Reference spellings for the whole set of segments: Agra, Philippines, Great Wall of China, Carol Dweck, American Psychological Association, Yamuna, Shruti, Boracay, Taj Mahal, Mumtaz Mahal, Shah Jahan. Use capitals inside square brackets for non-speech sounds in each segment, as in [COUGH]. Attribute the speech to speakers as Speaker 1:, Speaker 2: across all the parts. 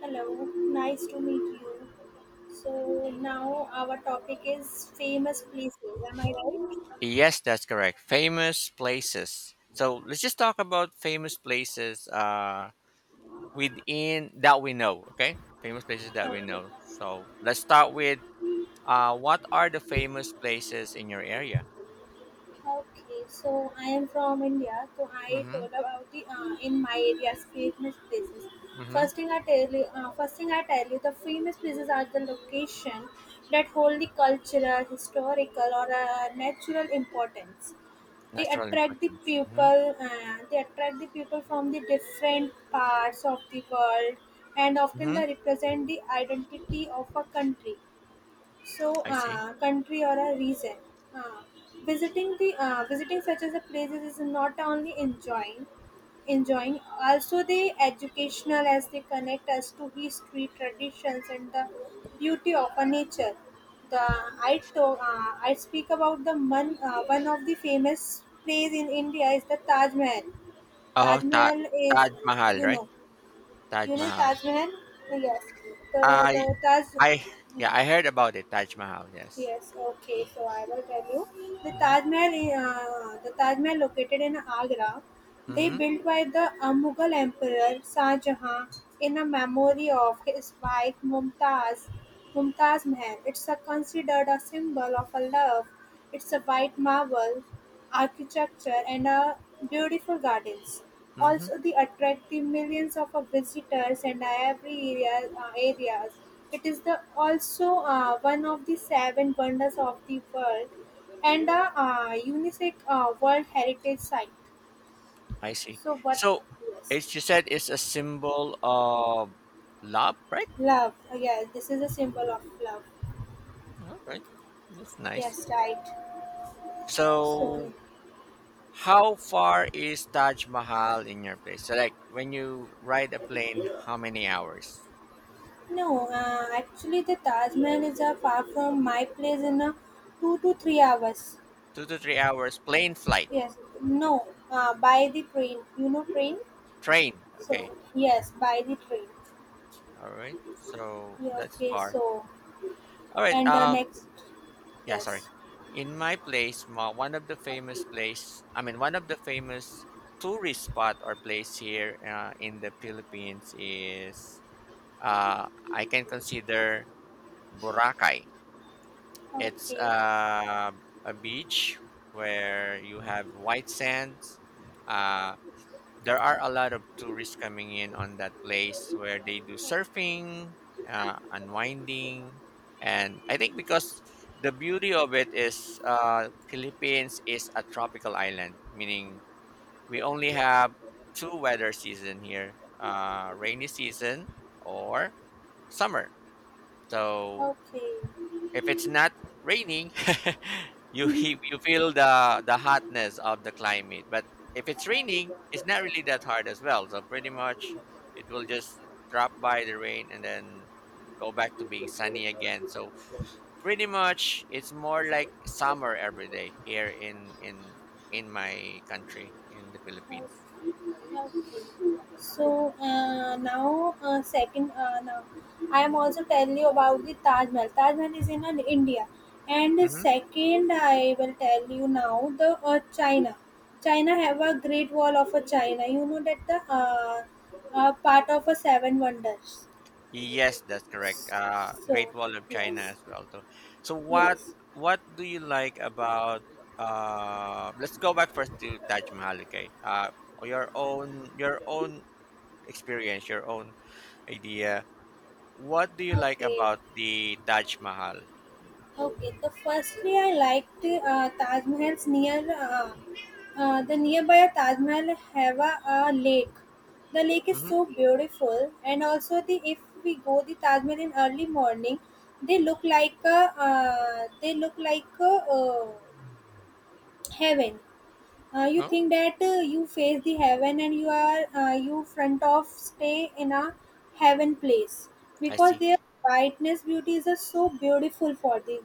Speaker 1: Hello, nice to meet you. So now our topic is famous places. Am I right?
Speaker 2: Yes, that's correct. Famous places. So let's just talk about famous places within that we know. Okay, famous places that we
Speaker 1: Okay.
Speaker 2: know. So let's start with what are the famous places in your area?
Speaker 1: Okay. So I am from India. So I
Speaker 2: Mm-hmm.
Speaker 1: told about the in my area's famous places.
Speaker 2: Mm-hmm.
Speaker 1: First thing I tell you, first thing I tell you, the famous places are the location that hold the cultural, historical, or natural importance. They
Speaker 2: Natural
Speaker 1: attract the
Speaker 2: importance. Mm-hmm.
Speaker 1: people and they attract the people from the different parts of the world and often
Speaker 2: Mm-hmm.
Speaker 1: they represent the identity of a country. So,
Speaker 2: I see.
Speaker 1: country or a region. Uh, Visiting such as a places is not only enjoying also the educational as they connect us to history, traditions, and the beauty of a nature. I speak about the one of the famous place in India is the Taj Mahal.
Speaker 2: Oh,
Speaker 1: Taj
Speaker 2: Ta-
Speaker 1: Mahal is,
Speaker 2: Taj Mahal,
Speaker 1: you
Speaker 2: right?
Speaker 1: know,
Speaker 2: Taj
Speaker 1: you know
Speaker 2: Mahal.
Speaker 1: Taj Mahal. Yes, the
Speaker 2: I
Speaker 1: the Taj.
Speaker 2: I Yeah,
Speaker 1: Hmm.
Speaker 2: I heard about it. Taj Mahal. Yes.
Speaker 1: Yes, okay, so I will tell you. The
Speaker 2: Mm-hmm.
Speaker 1: Taj Mahal, uh, the Taj Mahal located in Agra, they
Speaker 2: Mm-hmm.
Speaker 1: built by the Mughal Emperor Shah Jahan in a memory of his wife Mumtaz, Mumtaz Mahal. It's a, considered a symbol of a love. It's a white marble architecture and a beautiful gardens.
Speaker 2: Mm-hmm.
Speaker 1: Also they attract the millions of visitors and every areas. It is the also one of the seven wonders of the world and a UNESCO World Heritage Site.
Speaker 2: I see.
Speaker 1: So what?
Speaker 2: So,
Speaker 1: Yes.
Speaker 2: as you said, it's a symbol of love, right?
Speaker 1: Love. Yeah, this is a symbol of love.
Speaker 2: All right, that's nice.
Speaker 1: Yes, right. So,
Speaker 2: So, how far is Taj Mahal in your place? So, like when you ride a plane, how many hours?
Speaker 1: no, actually, the Taj Mahal is far from my place in 2 to 3 hours.
Speaker 2: 2 to 3 hours plane flight,
Speaker 1: Yes, no, by the train. You know, train?
Speaker 2: train.
Speaker 1: So
Speaker 2: Okay,
Speaker 1: yes, by the train.
Speaker 2: all right. So
Speaker 1: Yeah,
Speaker 2: that's
Speaker 1: okay,
Speaker 2: far.
Speaker 1: so
Speaker 2: All right.
Speaker 1: and the next
Speaker 2: Yeah, sorry,
Speaker 1: yes.
Speaker 2: in my place one of the famous place, one of the famous tourist spot or place here, in the Philippines, is I can consider Boracay. It's
Speaker 1: Okay.
Speaker 2: a beach where you have white sands. uh, there are a lot of tourists coming in on that place, where they do surfing, unwinding, and I think because the beauty of it is, Philippines is a tropical island, meaning we only have two weather season here: rainy season or summer. So
Speaker 1: Okay.
Speaker 2: if it's not raining, [LAUGHS] you
Speaker 1: hmm
Speaker 2: you feel the hotness of the climate. But if it's raining, it's not really that hard as well. So pretty much, it will just drop by the rain and then go back to being sunny again. So pretty much, it's more like summer every day here in in my country, in the Philippines.
Speaker 1: So now second now I am also telling you about the Taj Mahal. Taj Mahal is in India, and
Speaker 2: Mm-hmm.
Speaker 1: second I will tell you now the China. China have a Great Wall of China. You know that the part of a Seven Wonders.
Speaker 2: Yes, that's correct.
Speaker 1: So
Speaker 2: Great Wall of China
Speaker 1: yes,
Speaker 2: as well too. So
Speaker 1: yes.
Speaker 2: what do you like about, let's go back first to Taj Mahal, okay? Your own, experience, your own idea. What do you like
Speaker 1: Okay,
Speaker 2: about the Taj Mahal?
Speaker 1: okay. The firstly, I liked Taj Mahal's near the nearby Taj Mahal have a lake. The lake is
Speaker 2: Mm-hmm.
Speaker 1: so beautiful, and also the if we go the Taj Mahal in early morning, they look like a, they look like uh, heaven. You
Speaker 2: Oh,
Speaker 1: think that you face the heaven and you are you front of stay in a heaven place
Speaker 2: I
Speaker 1: because
Speaker 2: see.
Speaker 1: their brightness beauty is so beautiful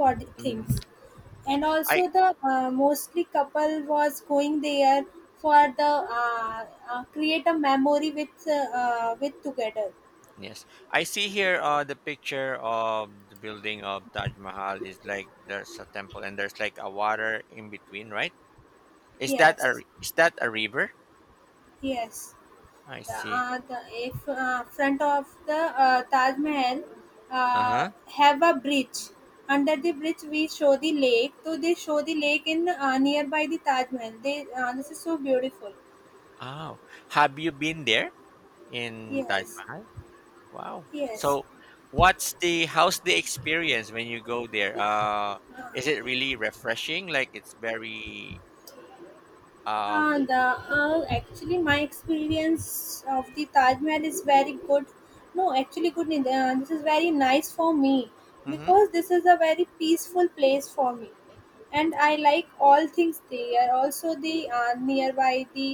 Speaker 1: for the
Speaker 2: Mm-hmm.
Speaker 1: things
Speaker 2: Yes.
Speaker 1: and
Speaker 2: I
Speaker 1: also the mostly couple was going there for the create a memory with together
Speaker 2: Yes. I see here, the picture of the building of Taj Mahal is like there's a temple and there's like a water in between, right? Is that a
Speaker 1: yes
Speaker 2: is that a river?
Speaker 1: yes
Speaker 2: I see.
Speaker 1: the if, front of the Taj Mahal
Speaker 2: Uh-huh.
Speaker 1: have a bridge. Under the bridge, we show the lake. So they show the lake in nearby the Taj Mahal. They this is so beautiful.
Speaker 2: Oh, have you been there in Taj
Speaker 1: Yes,
Speaker 2: Mahal? Wow.
Speaker 1: yes.
Speaker 2: So, what's the how's the experience when you go there? Is it really refreshing? Like it's very um.
Speaker 1: The actually my experience of the Taj Mahal is very good. No, actually good. Neither. This is very nice for me
Speaker 2: Mm-hmm.
Speaker 1: because this is a very peaceful place for me, and I like all things there. Also the nearby the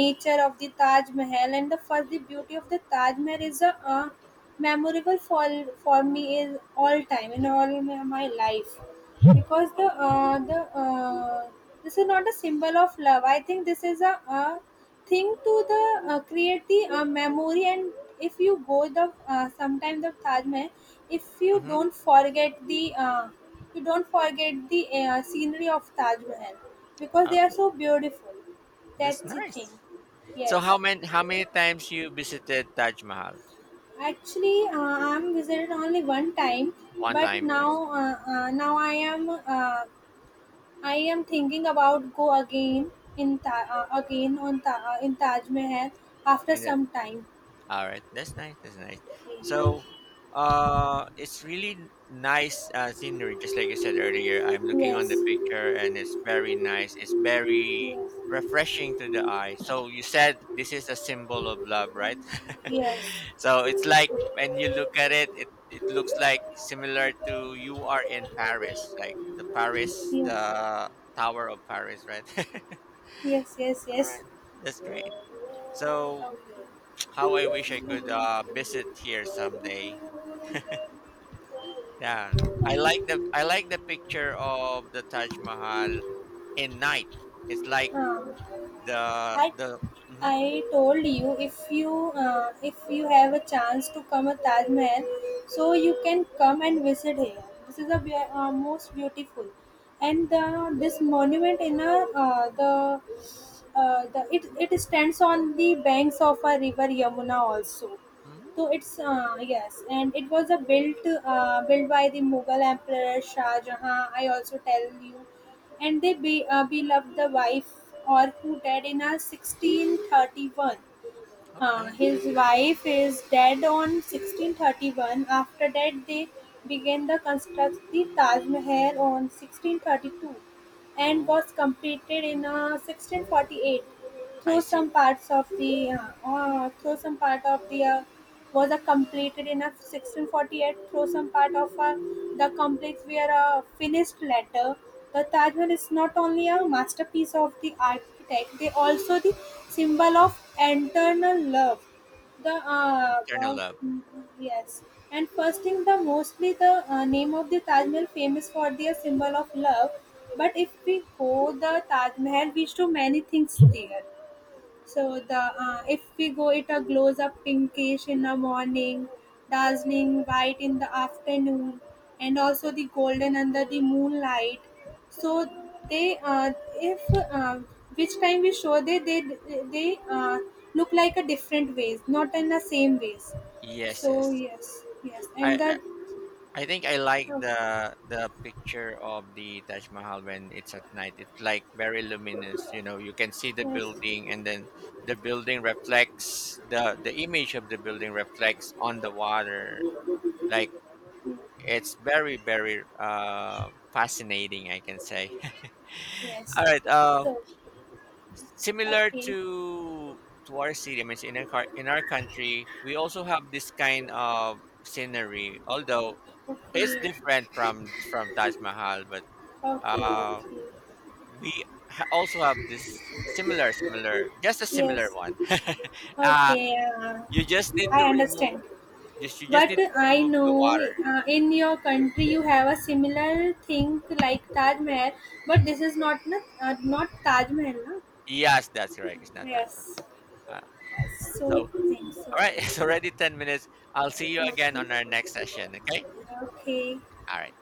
Speaker 1: nature of the Taj Mahal and the first the beauty of the Taj Mahal is a memorable for me is all time in all my life because
Speaker 2: Oh,
Speaker 1: the this is not a symbol of love I think this is a thing to the create the memory and if you go the sometime the taj mahal if you
Speaker 2: mm-hmm.
Speaker 1: don't forget the you don't forget the scenery of taj mahal because they are
Speaker 2: Oh,
Speaker 1: so beautiful
Speaker 2: that's
Speaker 1: that's the
Speaker 2: nice.
Speaker 1: thing
Speaker 2: So
Speaker 1: yes
Speaker 2: how many times you visited Taj Mahal?
Speaker 1: actually I'm visited only one time
Speaker 2: One
Speaker 1: but
Speaker 2: time, I
Speaker 1: now
Speaker 2: see.
Speaker 1: now I am I am thinking about go again in Ta- again on Ta- in Taj Mahal after
Speaker 2: And
Speaker 1: some time.
Speaker 2: all right, that's nice. That's nice. So, it's really nice scenery, just like you said earlier. I'm looking
Speaker 1: Yes,
Speaker 2: on the picture, and it's very nice. It's very refreshing to the eye. So you said this is a symbol of love, right?
Speaker 1: yes, yes,
Speaker 2: [LAUGHS] So it's like when you look at it, it looks like similar to you are in Paris, like the Paris,
Speaker 1: yes,
Speaker 2: the Tower of Paris, right? [LAUGHS]
Speaker 1: yes, yes,
Speaker 2: All
Speaker 1: yes.
Speaker 2: right, that's great. So
Speaker 1: Okay.
Speaker 2: how I wish I could visit here someday. Yeah, I like the picture of the Taj Mahal in night. It's like
Speaker 1: Uh,
Speaker 2: the
Speaker 1: I
Speaker 2: the. Mm-hmm,
Speaker 1: I told you if you if you have a chance to come a Taj Mahal, so you can come and visit here. This is the most beautiful, and the, this monument in a the. It stands on the banks of a river Yamuna also.
Speaker 2: mm-hmm.
Speaker 1: So it's yes, and it was a built built by the Mughal Emperor Shah Jahan. I also tell you and beloved the wife or who died in a 1631.
Speaker 2: All right,
Speaker 1: His
Speaker 2: that's nice.
Speaker 1: wife is dead on 1631. After that, they began the construct the Taj Mahal on 1632 and
Speaker 2: Oh,
Speaker 1: was completed in 1648
Speaker 2: I
Speaker 1: through
Speaker 2: see.
Speaker 1: some parts of the through some part of the was completed in 1648 through some part of the complex were a finished letter. The Taj Mahal is not only a masterpiece of the architect, they also the symbol of eternal love. The uh,
Speaker 2: Internal
Speaker 1: uh,
Speaker 2: love.
Speaker 1: mm, yes, and first thing, the mostly the name of the Taj Mahal famous for their symbol of love. But if we go the Taj Mahal, we show many things there. So the if we go, it glows up pinkish in the morning, dazzling white in the afternoon, and also the golden under the moonlight. So they if which time we show they look like a different ways, not in the same ways.
Speaker 2: Yes,
Speaker 1: So
Speaker 2: yes.
Speaker 1: yes, yes,
Speaker 2: I
Speaker 1: and that
Speaker 2: I think I like
Speaker 1: oh,
Speaker 2: the picture of the Taj Mahal when it's at night. It's like very luminous. You know, you can see the
Speaker 1: yes,
Speaker 2: building, and then the building reflects the image of the building reflects on the water. Like it's very fascinating, I can say. [LAUGHS]
Speaker 1: yes.
Speaker 2: All right.
Speaker 1: So
Speaker 2: Similar
Speaker 1: okay,
Speaker 2: to our city, I mean, in our in our country, we also have this kind of scenery. Although it's
Speaker 1: okay,
Speaker 2: different from Taj Mahal, but
Speaker 1: okay,
Speaker 2: Uh,
Speaker 1: okay.
Speaker 2: we also have this similar, just a similar
Speaker 1: Yes.
Speaker 2: one. [LAUGHS] uh,
Speaker 1: Okay,
Speaker 2: you just need
Speaker 1: I
Speaker 2: to remove,
Speaker 1: understand.
Speaker 2: just you just
Speaker 1: But
Speaker 2: need to
Speaker 1: I
Speaker 2: remove the
Speaker 1: know
Speaker 2: water.
Speaker 1: in your country you have a similar thing like Taj Mahal, but this is not Taj Mahal, na?
Speaker 2: Yes, that's correct. It's not that one.
Speaker 1: Yes,
Speaker 2: Uh,
Speaker 1: yes,
Speaker 2: so
Speaker 1: so think so.
Speaker 2: all right, [LAUGHS] it's already 10 minutes. I'll see you
Speaker 1: Okay.
Speaker 2: again on our next session. Okay.
Speaker 1: okay.
Speaker 2: All right.